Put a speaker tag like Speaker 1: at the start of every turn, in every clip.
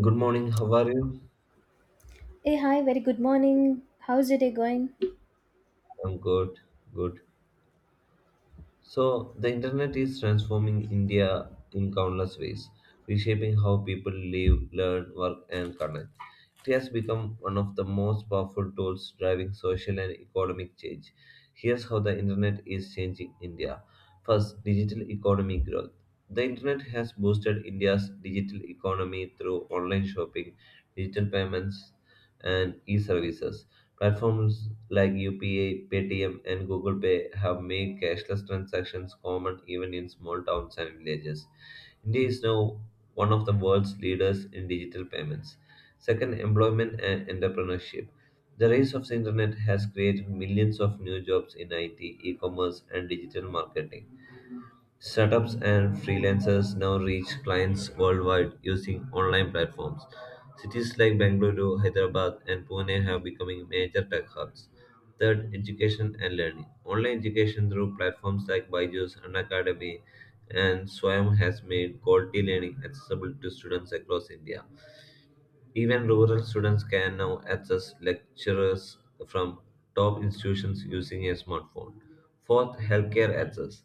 Speaker 1: Good morning, how are you?
Speaker 2: Hey, hi, very good morning. How's your day going?
Speaker 1: I'm good, good. So, the internet is transforming India in countless ways, reshaping how people live, learn, work, and connect. It has become one of the most powerful tools driving social and economic change. Here's how the internet is changing India. First, digital economy growth. The internet has boosted India's digital economy through online shopping, digital payments, and e-services. Platforms like UPA, Paytm, and Google Pay have made cashless transactions common even in small towns and villages. India is now one of the world's leaders in digital payments. Second, employment and entrepreneurship. The rise of the internet has created millions of new jobs in IT, e-commerce, and digital marketing. Startups and freelancers now reach clients worldwide using online platforms. Cities like Bangalore, Hyderabad, and Pune have becoming major tech hubs. Third, education and learning. Online education through platforms like Byju's, Unacademy, and Swayam has made quality learning accessible to students across India. Even rural students can now access lectures from top institutions using a smartphone. Fourth, healthcare access.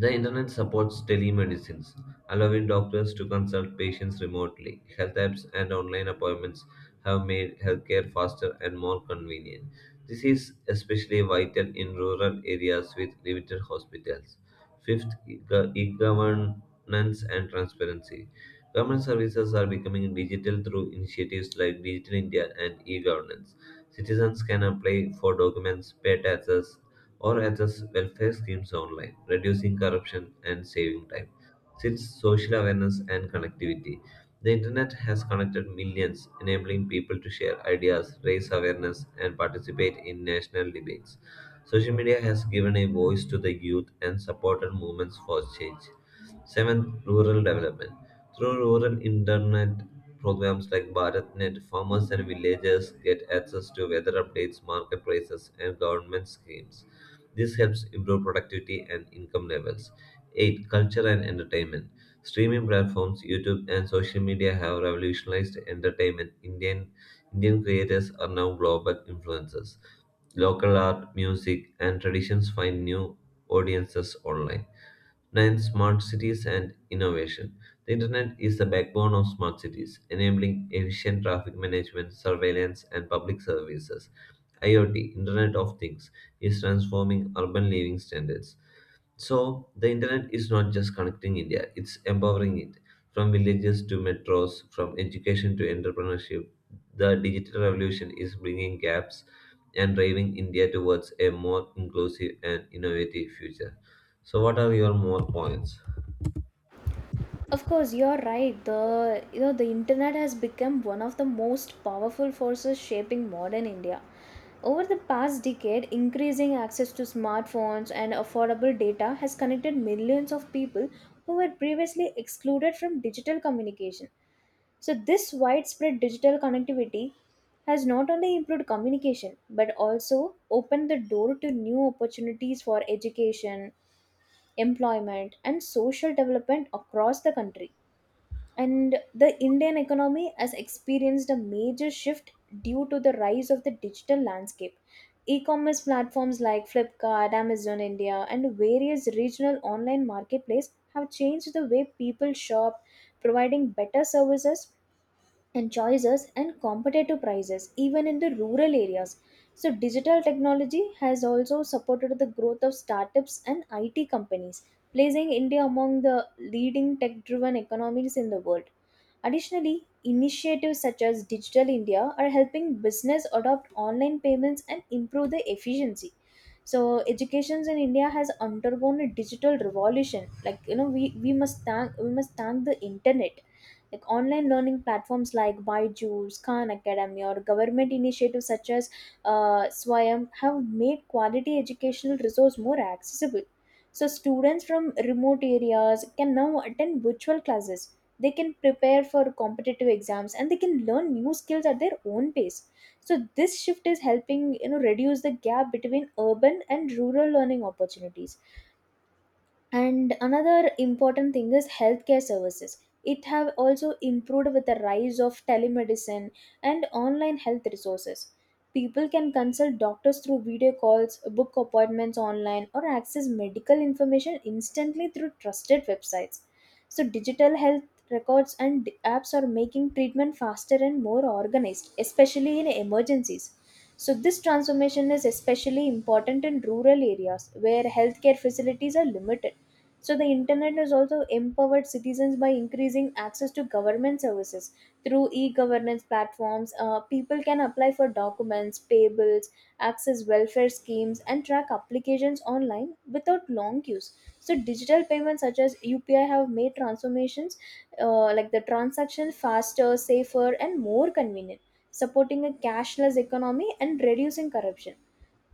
Speaker 1: The internet supports telemedicine, allowing doctors to consult patients remotely. Health apps and online appointments have made healthcare faster and more convenient. This is especially vital in rural areas with limited hospitals. Fifth, e-governance and transparency. Government services are becoming digital through initiatives like Digital India and e-governance. Citizens can apply for documents, pay taxes, or access welfare schemes online, reducing corruption and saving time. Since social awareness and connectivity, the internet has connected millions, enabling people to share ideas, raise awareness, and participate in national debates. Social media has given a voice to the youth and supported movements for change. Seventh, rural development. Through rural internet programs like BharatNet, farmers and villagers get access to weather updates, market prices, and government schemes. This helps improve productivity and income levels. 8. Culture and entertainment. Streaming platforms, YouTube, and social media have revolutionized entertainment. Indian creators are now global influencers. Local art, music, and traditions find new audiences online. Nine, smart cities and innovation. The internet is the backbone of smart cities, enabling efficient traffic management, surveillance, and public services. IoT, Internet of Things, is transforming urban living standards. So the internet is not just connecting India, it's empowering it. From villages to metros, from education to entrepreneurship, the digital revolution is bringing gaps and driving India towards a more inclusive and innovative future. So what are your more points?
Speaker 2: Of course, you're right. The you know the internet has become one of the most powerful forces shaping modern India. Over the past decade, increasing access to smartphones and affordable data has connected millions of people who were previously excluded from digital communication. So this widespread digital connectivity has not only improved communication but also opened the door to new opportunities for education employment, and social development across the country. And the Indian economy has experienced a major shift due to the rise of the digital landscape. E commerce platforms like Flipkart, Amazon India, and various regional online marketplaces have changed the way people shop, providing better services and choices and competitive prices even in the rural areas. So digital technology has also supported the growth of startups and IT companies, placing India among the leading tech driven economies in the world. Additionally, initiatives such as Digital India are helping business adopt online payments and improve their efficiency. So education in India has undergone a digital revolution. Like you know, we must thank the internet. Like online learning platforms like Byju's, Khan Academy, or government initiatives such as Swayam have made quality educational resource more accessible. So students from remote areas can now attend virtual classes, they can prepare for competitive exams, and they can learn new skills at their own pace. So this shift is helping, you know, reduce the gap between urban and rural learning opportunities. And another important thing is healthcare services. It have also improved with the rise of telemedicine and online health resources. People can consult doctors through video calls, book appointments online, or access medical information instantly through trusted websites. So, digital health records and apps are making treatment faster and more organized, especially in emergencies. So, this transformation is especially important in rural areas where healthcare facilities are limited. So, the internet has also empowered citizens by increasing access to government services through e governance platforms. People can apply for documents, payables, access welfare schemes, and track applications online without long queues. So, digital payments such as UPI have made transformations, like the transaction faster, safer, and more convenient, supporting a cashless economy and reducing corruption.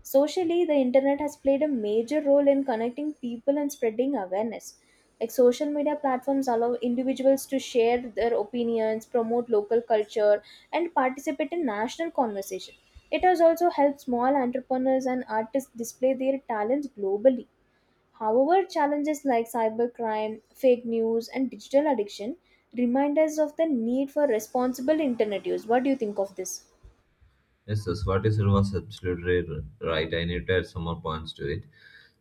Speaker 2: Socially, the internet has played a major role in connecting people and spreading awareness. Like social media platforms allow individuals to share their opinions, promote local culture, and participate in national conversation. It has also helped small entrepreneurs and artists display their talents globally. However, challenges like cybercrime, fake news, and digital addiction remind us of the need for responsible internet use. What do you think of this?
Speaker 1: Yes, yes, what you said was absolutely right. I need to add some more points to it.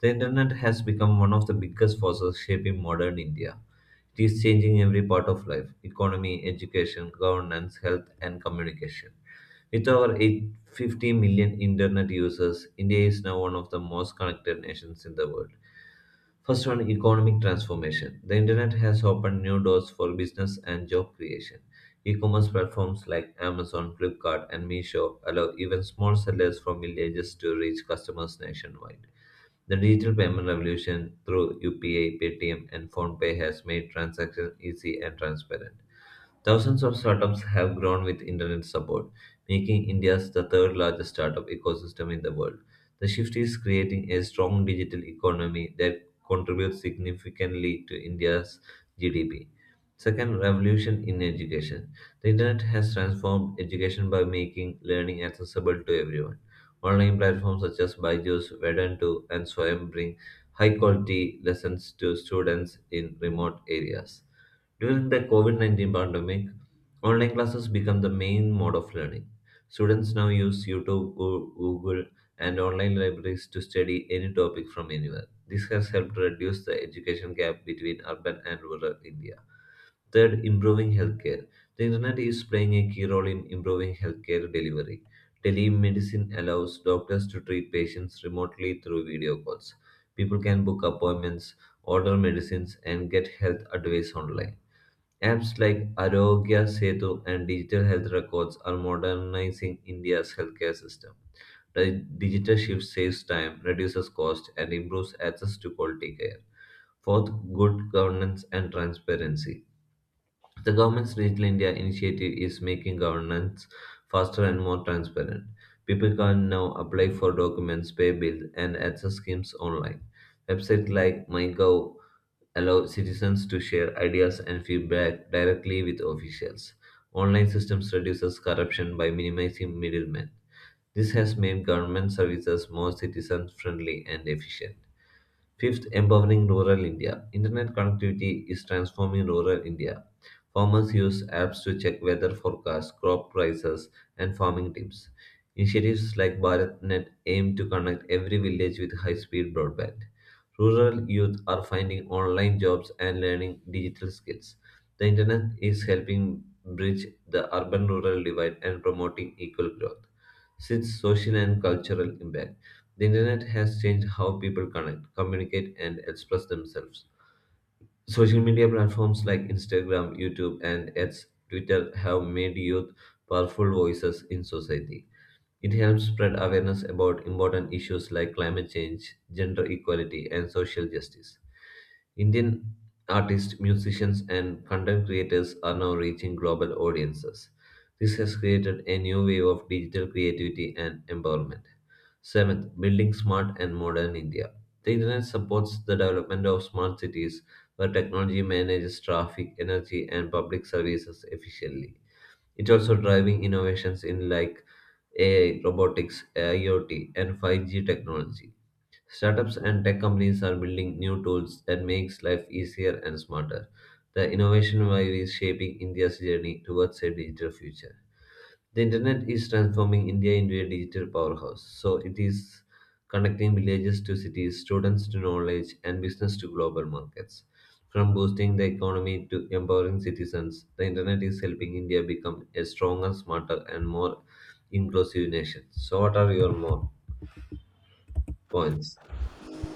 Speaker 1: The internet has become one of the biggest forces shaping modern India. It is changing every part of life economy, education, governance, health, and communication. With over 850 million internet users, India is now one of the most connected nations in the world. First one, economic transformation. The internet has opened new doors for business and job creation. E-commerce platforms like Amazon, Flipkart, and Meesho allow even small sellers from villages to reach customers nationwide. The digital payment revolution through UPI, Paytm, and PhonePe has made transactions easy and transparent. Thousands of startups have grown with internet support, making India the third largest startup ecosystem in the world. The shift is creating a strong digital economy that contributes significantly to India's GDP. Second, revolution in education. The internet has transformed education by making learning accessible to everyone. Online platforms such as Byju's, Vedanta, and Swayam bring high quality lessons to students in remote areas. During the COVID 19 pandemic, online classes became the main mode of learning. Students now use YouTube, Google, and online libraries to study any topic from anywhere. This has helped reduce the education gap between urban and rural India. Third, improving healthcare. The internet is playing a key role in improving healthcare delivery. Telemedicine allows doctors to treat patients remotely through video calls. People can book appointments, order medicines, and get health advice online. Apps like Arogya Setu and digital health records are modernizing India's healthcare system. The digital shift saves time, reduces cost, and improves access to quality care. Fourth, good governance and transparency. The government's Digital India initiative is making governance faster and more transparent. People can now apply for documents, pay bills, and access schemes online. Websites like MyGov allow citizens to share ideas and feedback directly with officials. Online systems reduces corruption by minimizing middlemen. This has made government services more citizen friendly and efficient. Fifth, empowering rural India. Internet connectivity is transforming rural India. Farmers use apps to check weather forecasts, crop prices, and farming tips. Initiatives like BharatNet aim to connect every village with high speed broadband. Rural youth are finding online jobs and learning digital skills. The internet is helping bridge the urban rural divide and promoting equal growth. Sixth, social and cultural impact. The internet has changed how people connect, communicate, and express themselves. Social media platforms like Instagram, YouTube, and X, Twitter have made youth powerful voices in society. It helps spread awareness about important issues like climate change, gender equality, and social justice. Indian artists, musicians, and content creators are now reaching global audiences. This has created a new wave of digital creativity and empowerment. Seventh, building smart and modern India. The internet supports the development of smart cities where technology manages traffic, energy, and public services efficiently. It's also driving innovations in like AI, robotics, IoT, and 5G technology. Startups and tech companies are building new tools that makes life easier and smarter. The innovation wave is shaping India's journey towards a digital future. The internet is transforming India into a digital powerhouse. So it is connecting villages to cities, students to knowledge, and business to global markets. From boosting the economy to empowering citizens, the internet is helping India become a stronger, smarter, and more inclusive nation. So what are your more points?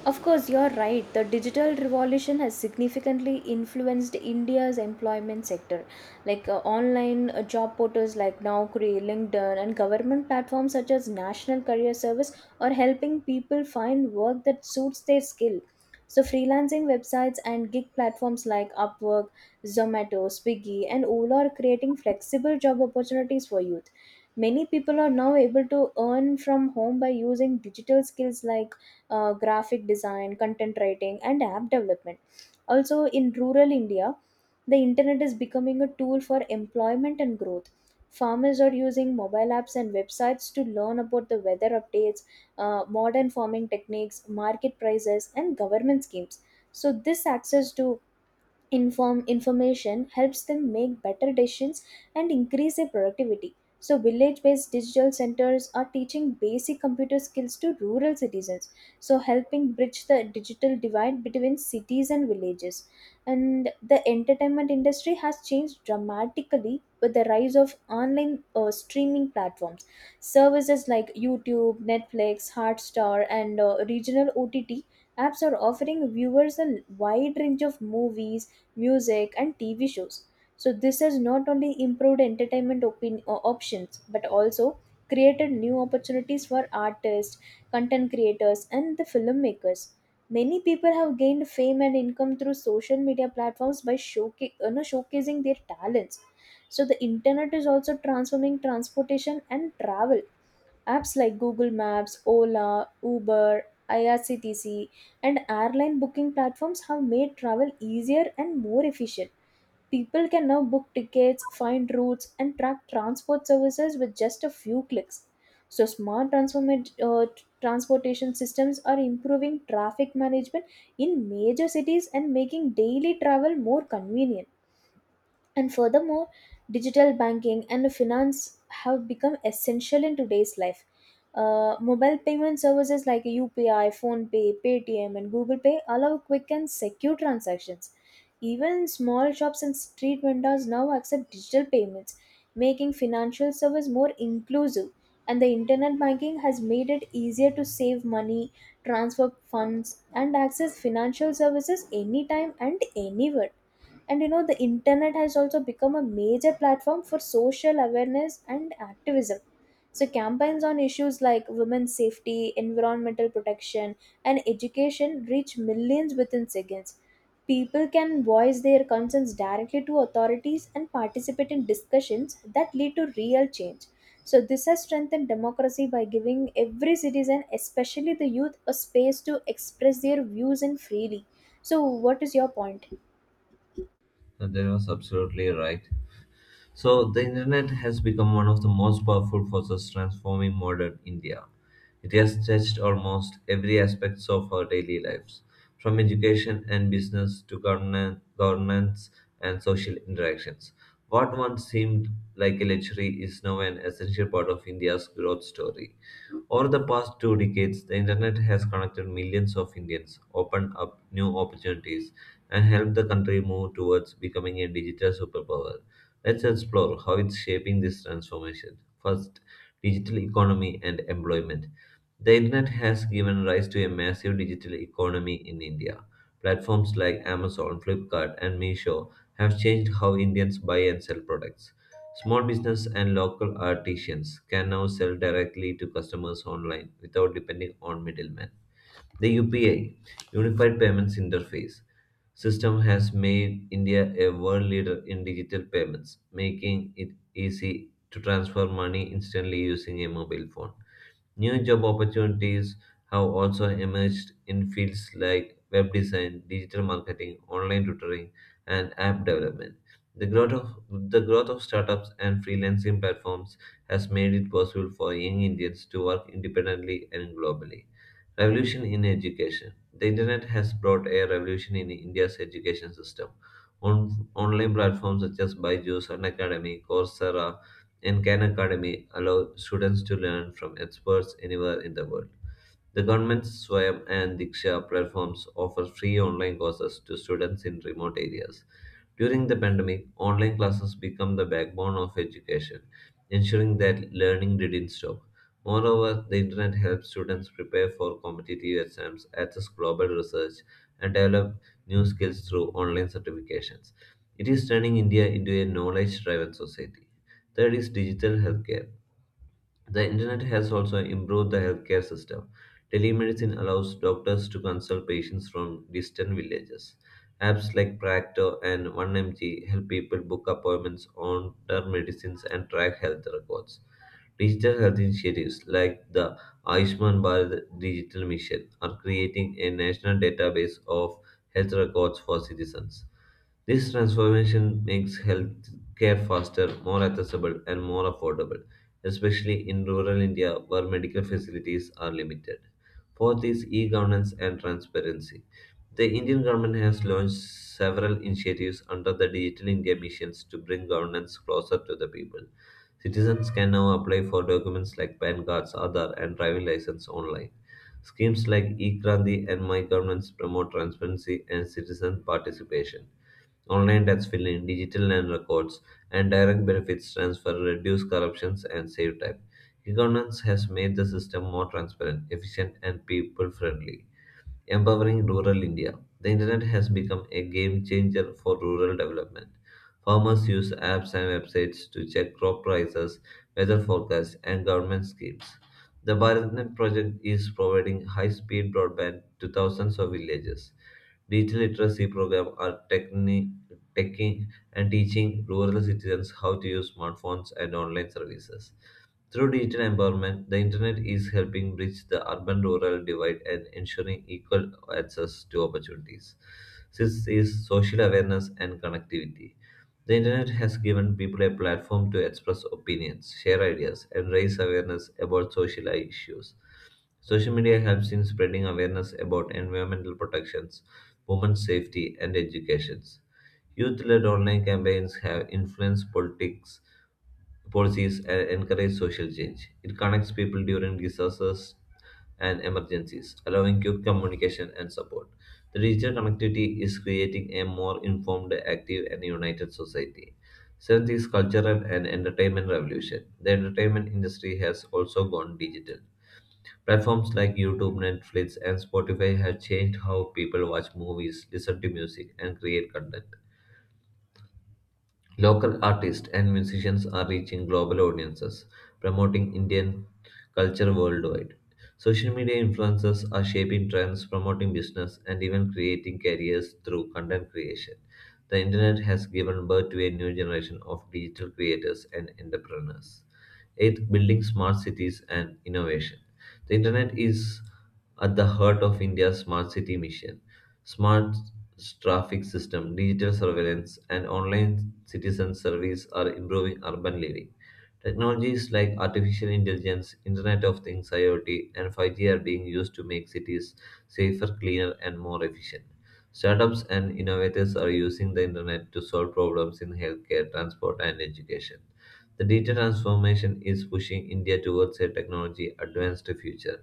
Speaker 2: Of course, you're right. The digital revolution has significantly influenced India's employment sector. Like online job portals like Naukri, LinkedIn, and government platforms such as National Career Service are helping people find work that suits their skill. So, freelancing websites and gig platforms like Upwork, Zomato, Swiggy, and Ola are creating flexible job opportunities for youth. Many people are now able to earn from home by using digital skills like graphic design, content writing, and app development. Also, in rural India, the internet is becoming a tool for employment and growth. Farmers are using mobile apps and websites to learn about the weather updates, modern farming techniques, market prices, and government schemes. So, this access to information helps them make better decisions and increase their productivity. So village based digital centers are teaching basic computer skills to rural citizens, so helping bridge the digital divide between cities and villages. And the entertainment industry has changed dramatically with the rise of online streaming platforms. Services like YouTube, Netflix, Hotstar, and regional OTT apps are offering viewers a wide range of movies, music, and TV shows. So, this has not only improved options, but also created new opportunities for artists, content creators, and the filmmakers. Many people have gained fame and income through social media platforms by showcasing their talents. So, the internet is also transforming transportation and travel. Apps like Google Maps, Ola, Uber, IRCTC, and airline booking platforms have made travel easier and more efficient. People can now book tickets, find routes, and track transport services with just a few clicks. So, transportation systems are improving traffic management in major cities and making daily travel more convenient. And furthermore, digital banking and finance have become essential in today's life. Mobile payment services like UPI, PhonePay, Paytm, and Google Pay allow quick and secure transactions. Even small shops and street vendors now accept digital payments, making financial service more inclusive. And the internet banking has made it easier to save money, transfer funds, and access financial services anytime and anywhere. And you know the internet has also become a major platform for social awareness and activism. So campaigns on issues like women's safety, environmental protection, and education reach millions within seconds. People can voice their concerns directly to authorities and participate in discussions that lead to real change. So this has strengthened democracy by giving every citizen, especially the youth, a space to express their views and freely. So what is your point?
Speaker 1: That was absolutely right. So, the internet has become one of the most powerful forces transforming modern India. It has touched almost every aspect of our daily lives, from education and business to governance and social interactions. What once seemed like a luxury is now an essential part of India's growth story. Over the past 2 decades, the internet has connected millions of Indians, opened up new opportunities, and helped the country move towards becoming a digital superpower. Let's explore how it's shaping this transformation. First, digital economy and employment. The internet has given rise to a massive digital economy in India. Platforms like Amazon, Flipkart, and Meesho have changed how Indians buy and sell products. Small business and local artisans can now sell directly to customers online without depending on middlemen. The UPI, Unified Payments Interface, system has made India a world leader in digital payments, making it easy to transfer money instantly using a mobile phone. New job opportunities have also emerged in fields like web design, digital marketing, online tutoring, and app development. The growth of the growth of startups and freelancing platforms has made it possible for young Indians to work independently and globally. Revolution in education. The internet has brought a revolution in India's education system. Online platforms such as Byju's, Unacademy, Coursera, and Khan Academy allow students to learn from experts anywhere in the world. The government's Swayam and Diksha platforms offer free online courses to students in remote areas. During the pandemic, online classes became the backbone of education, ensuring that learning didn't stop. Moreover, the internet helped students prepare for competitive exams, access global research, and develop new skills through online certifications. It is turning India into a knowledge driven society. Third is digital healthcare. The internet has also improved the healthcare system. Telemedicine allows doctors to consult patients from distant villages. Apps like Practo and 1MG help people book appointments, order medicines, and track health records. Digital health initiatives like the Ayushman Bharat Digital Mission are creating a national database of health records for citizens. This transformation makes health care faster, more accessible, and more affordable, especially in rural India where medical facilities are limited. Fourth is e governance and transparency. The Indian government has launched several initiatives under the Digital India missions to bring governance closer to the people. Citizens can now apply for documents like PAN cards, Aadhaar, and driving license online. Schemes like eKranti and My Governments promote transparency and citizen participation. Online tax filing, digital land records, and direct benefits transfer reduce corruptions and save time. E-governance has made the system more transparent, efficient, and people-friendly empowering rural India. The internet has become a game changer for rural development. Farmers use apps and websites to check crop prices, weather forecasts, and government schemes. The BharatNet project is providing high-speed broadband to thousands of villages. Digital literacy programs are taking and teaching rural citizens how to use smartphones and online services. Through digital empowerment, the internet is helping bridge the urban rural divide and ensuring equal access to opportunities. Sixth is social awareness and connectivity. The internet has given people a platform to express opinions, share ideas, and raise awareness about social issues. Social media helps in spreading awareness about environmental protections, women's safety, and educations. Youth led online campaigns have influenced politics policies and encourage social change. It connects people during disasters and emergencies, allowing quick communication and support. The digital connectivity is creating a more informed, active, and united society. Seventh is cultural and entertainment revolution. The entertainment industry has also gone digital. Platforms like YouTube, Netflix, and Spotify have changed how people watch movies, listen to music, and create content. Local artists and musicians are reaching global audiences, promoting Indian culture worldwide. Social media influencers are shaping trends, promoting business, and even creating careers through content creation. The internet has given birth to a new generation of digital creators and entrepreneurs. Eighth, building smart cities and innovation. The internet is at the heart of India's smart city mission. Smart traffic system, digital surveillance, and online citizen service are improving urban living. Technologies like artificial intelligence, Internet of Things, IoT, and 5G are being used to make cities safer, cleaner, and more efficient. Startups and innovators are using the internet to solve problems in healthcare, transport, and education. The digital transformation is pushing India towards a technology advanced future.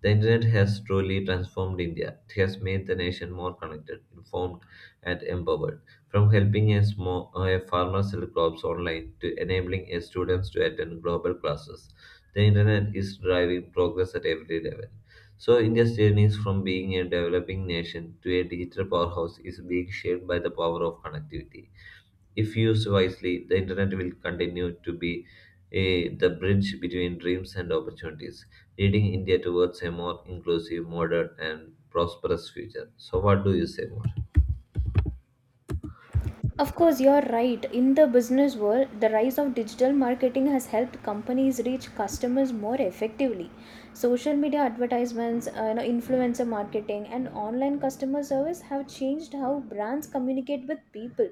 Speaker 1: The internet has truly transformed India. It has made the nation more connected, informed, and empowered. From helping a farmer sell crops online to enabling a students to attend global classes, the internet is driving progress at every level. So, India's journey is from being a developing nation to a digital powerhouse is being shaped by the power of connectivity. If used wisely, the internet will continue to be the bridge between dreams and opportunities, leading India towards a more inclusive, modern, and prosperous future. So, what do you say more?
Speaker 2: Of course, you're right. In the business world, the rise of digital marketing has helped companies reach customers more effectively. Social media advertisements, influencer marketing, and online customer service have changed how brands communicate with people.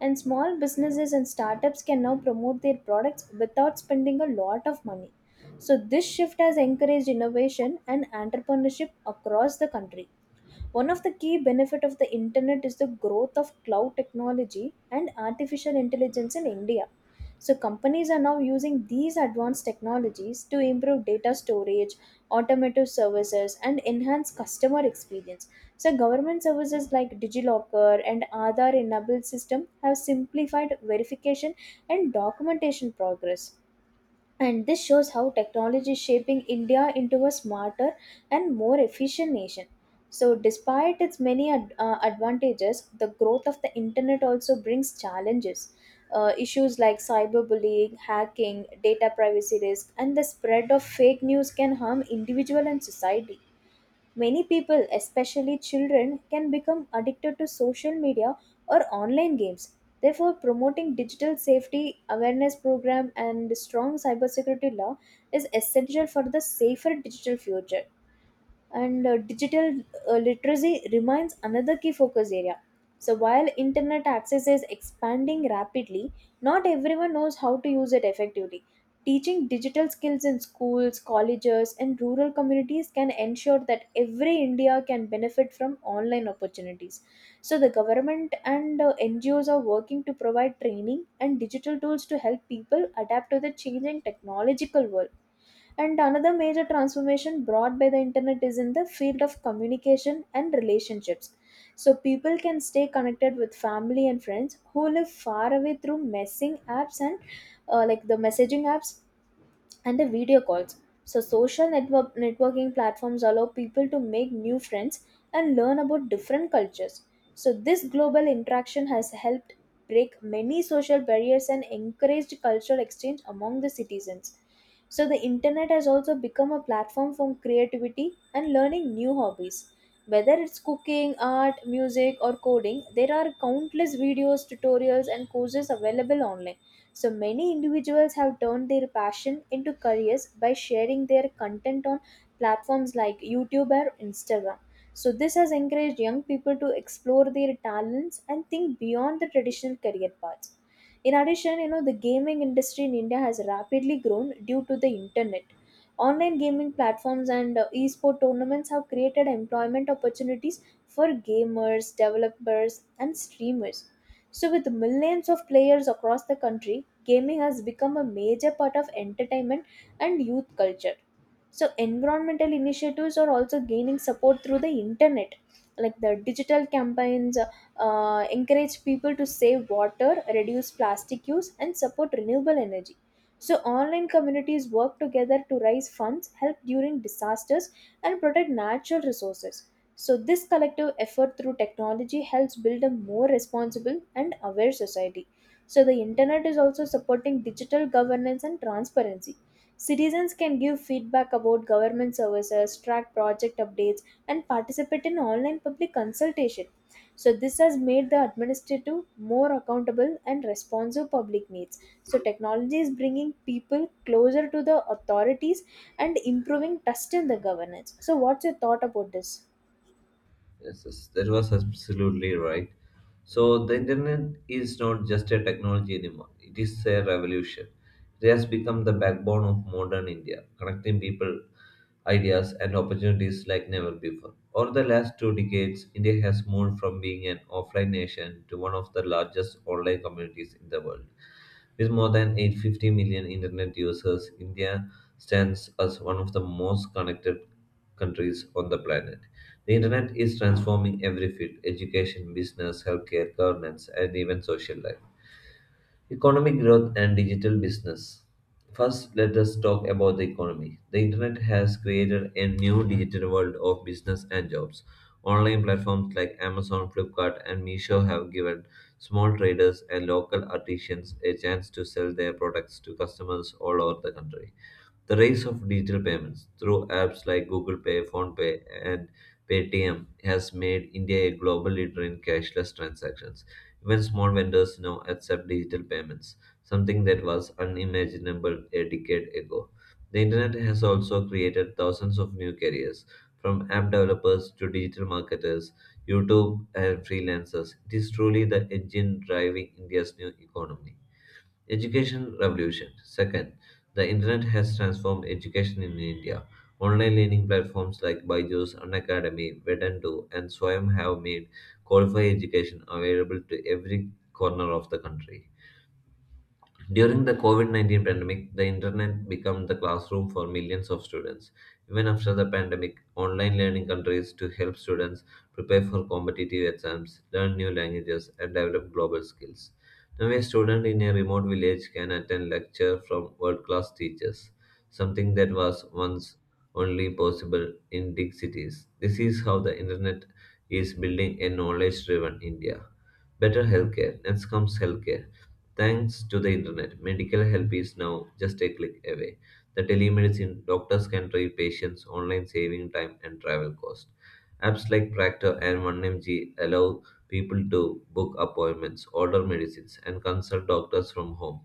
Speaker 2: And small businesses and startups can now promote their products without spending a lot of money. So, this shift has encouraged innovation and entrepreneurship across the country. One of the key benefits of the internet is the growth of cloud technology and artificial intelligence in India. So, companies are now using these advanced technologies to improve data storage, automotive services, and enhance customer experience. So, government services like DigiLocker and Aadhaar enabled system have simplified verification and documentation progress. And this shows how technology is shaping India into a smarter and more efficient nation. So despite its advantages, the growth of the internet also brings challenges. Issues like cyberbullying, hacking, data privacy risk, and the spread of fake news can harm individual and society. Many people, especially children, can become addicted to social media or online games. Therefore, promoting digital safety awareness program and strong cybersecurity law is essential for the safer digital future. And digital literacy remains another key focus area. So while internet access is expanding rapidly, not everyone knows how to use it effectively. Teaching digital skills in schools, colleges, and rural communities can ensure that every India can benefit from online opportunities. So the government and NGOs are working to provide training and digital tools to help people adapt to the changing technological world. And another major transformation brought by the internet is in the field of communication and relationships. So people can stay connected with family and friends who live far away through messing apps and the messaging apps and the video calls. So, social networking platforms allow people to make new friends and learn about different cultures. So, this global interaction has helped break many social barriers and encouraged cultural exchange among the citizens. So, the internet has also become a platform for creativity and learning new hobbies. Whether it's cooking, art, music, or coding, there are countless videos, tutorials, and courses available online. So many individuals have turned their passion into careers by sharing their content on platforms like YouTube or Instagram. So this has encouraged young people to explore their talents and think beyond the traditional career paths. In addition, you know, the gaming industry in India has rapidly grown due to the internet. Online gaming platforms and esport tournaments have created employment opportunities for gamers, developers, and streamers. So, with millions of players across the country, gaming has become a major part of entertainment and youth culture. So, environmental initiatives are also gaining support through the internet. Like the digital campaigns encourage people to save water, reduce plastic use, and support renewable energy. So, online communities work together to raise funds, help during disasters, and protect natural resources. So, this collective effort through technology helps build a more responsible and aware society. So, the internet is also supporting digital governance and transparency. Citizens can give feedback about government services, track project updates, and participate in online public consultation. So, this has made the administrative more accountable and responsive public needs. So, technology is bringing people closer to the authorities and improving trust in the governance. So, what's your thought about this?
Speaker 1: Yes, yes, that was absolutely right. So the internet is not just a technology anymore. It is a revolution. It has become the backbone of modern India, connecting people, ideas, and opportunities like never before. Over the last 2 decades, India has moved from being an offline nation to one of the largest online communities in the world. With more than 850 million internet users, India stands as one of the most connected countries on the planet. The internet is transforming every field education, business, healthcare, governance, and even social life. Economic growth and digital business. First, let us talk about the economy. The internet has created a new digital world of business and jobs. Online platforms like Amazon, Flipkart, and Meesho have given small traders and local artisans a chance to sell their products to customers all over the country. The rise of digital payments through apps like Google Pay, PhonePe, and Paytm has made India a global leader in cashless transactions. Even small vendors now accept digital payments, something that was unimaginable a decade ago. The internet has also created thousands of new careers, from app developers to digital marketers, YouTube, and freelancers. It is truly the engine driving India's new economy. Education revolution. Second, the internet has transformed education in India. Online learning platforms like Byju's, Unacademy, Vedantu, and Swayam have made qualified education available to every corner of the country. During the COVID-19 pandemic, the internet became the classroom for millions of students. Even after the pandemic, online learning continues to help students prepare for competitive exams, learn new languages, and develop global skills. Now, a student in a remote village can attend lecture from world class teachers, something that was once only possible in big cities. This is how the internet is building a knowledge driven India. Better healthcare. Next comes healthcare. Thanks to the internet, medical help is now just a click away. The telemedicine doctors can treat patients online, saving time and travel cost. Apps like Practor and 1MG allow people to book appointments, order medicines, and consult doctors from home.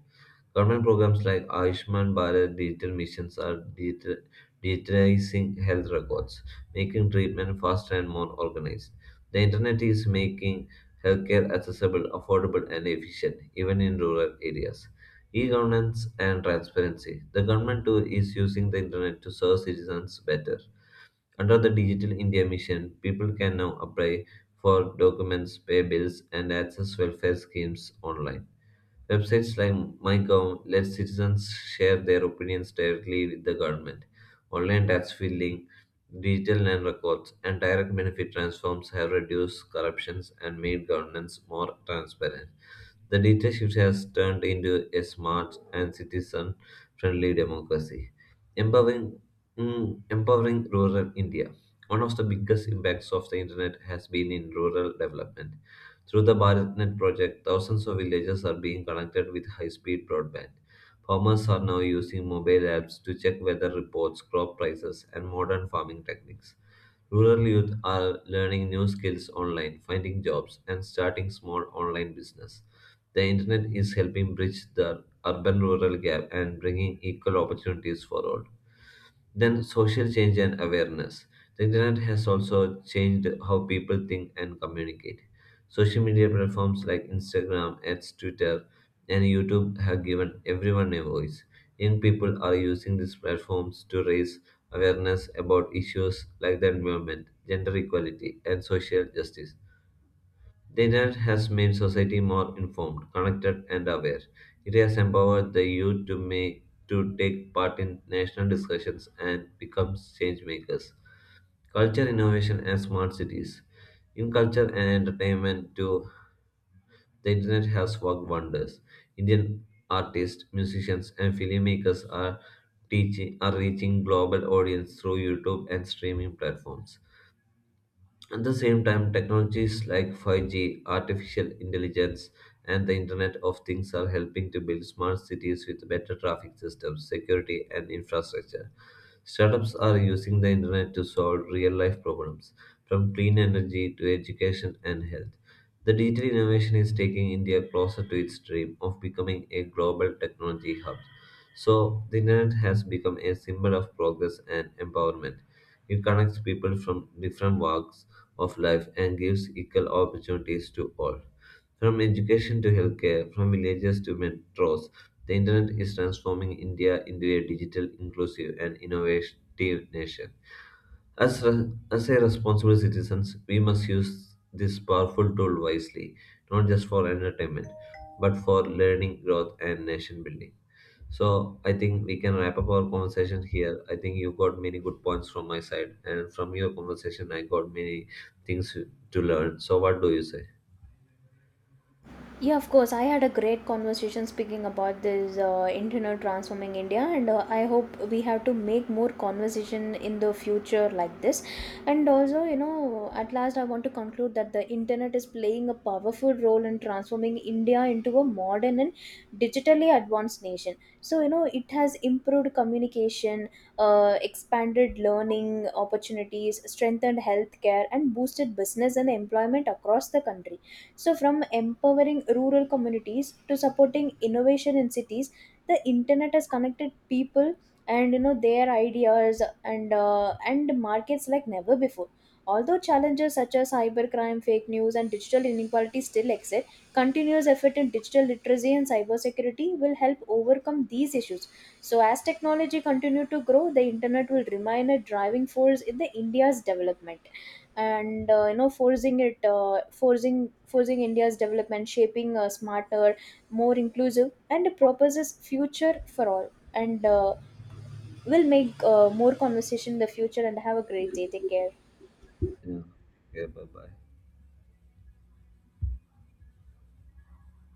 Speaker 1: Government programs like Ayushman Bharat digital missions are digitizing health records, making treatment faster and more organized. The internet is making healthcare accessible, affordable, and efficient, even in rural areas. E-governance and transparency. The government too is using the internet to serve citizens better. Under the Digital India mission, people can now apply for documents, pay bills, and access welfare schemes online. Websites like MyGov let citizens share their opinions directly with the government. Online tax filing, digital land records, and direct benefit transforms have reduced corruptions and made governance more transparent. The dictatorship has turned into a smart and citizen friendly democracy, empowering, empowering rural India. One of the biggest impacts of the internet has been in rural development. Through the BharatNet project, thousands of villages are being connected with high speed broadband. Farmers are now using mobile apps to check weather reports, crop prices, and modern farming techniques. Rural youth are learning new skills online, finding jobs, and starting small online business. The internet is helping bridge the urban rural gap and bringing equal opportunities for all. Then, social change and awareness. The internet has also changed how people think and communicate. Social media platforms like Instagram, ads, Twitter, and YouTube have given everyone a voice. Young people are using these platforms to raise awareness about issues like the environment, gender equality, and social justice. The internet has made society more informed, connected, and aware. It has empowered the youth to make to take part in national discussions and become change makers. Culture innovation and smart cities. In culture and entertainment too, the internet has worked wonders. Indian artists, musicians, and filmmakers are teaching are reaching global audience through YouTube and streaming platforms. At the same time, technologies like 5G, artificial intelligence, and the Internet of Things are helping to build smart cities with better traffic systems, security, and infrastructure. Startups are using the internet to solve real life problems, from clean energy to education and health. The digital innovation is taking India closer to its dream of becoming a global technology hub. So, the internet has become a symbol of progress and empowerment. It connects people from different walks of life and gives equal opportunities to all. From education to healthcare, from villages to metros, the internet is transforming India into a digital, inclusive, and innovative nation. As a responsible citizens, we must use this powerful tool wisely, not just for entertainment, but for learning, growth, and nation building. So I think we can wrap up our conversation here. I think you got many good points from my side, and from your conversation, I got many things to learn. So what do you say?
Speaker 2: Yeah, of course. I had a great conversation speaking about this internet transforming India, and I hope we have to make more conversation in the future like this. And also, you know, at last, I want to conclude that the internet is playing a powerful role in transforming India into a modern and digitally advanced nation. So, you know, it has improved communication, expanded learning opportunities, strengthened healthcare, and boosted business and employment across the country. So, from empowering rural communities to supporting innovation in cities, the internet has connected people and you know their ideas and markets like never before. Although challenges such as cybercrime, fake news, and digital inequality still exist, continuous effort in digital literacy and cybersecurity will help overcome these issues. So, as technology continues to grow, the internet will remain a driving force in the India's development and forcing it forcing forcing india's development, shaping a smarter, more inclusive, and it proposes future for all. And we'll make more conversation in the future and have a great day. Take care.
Speaker 1: Yeah. Yeah. Bye bye.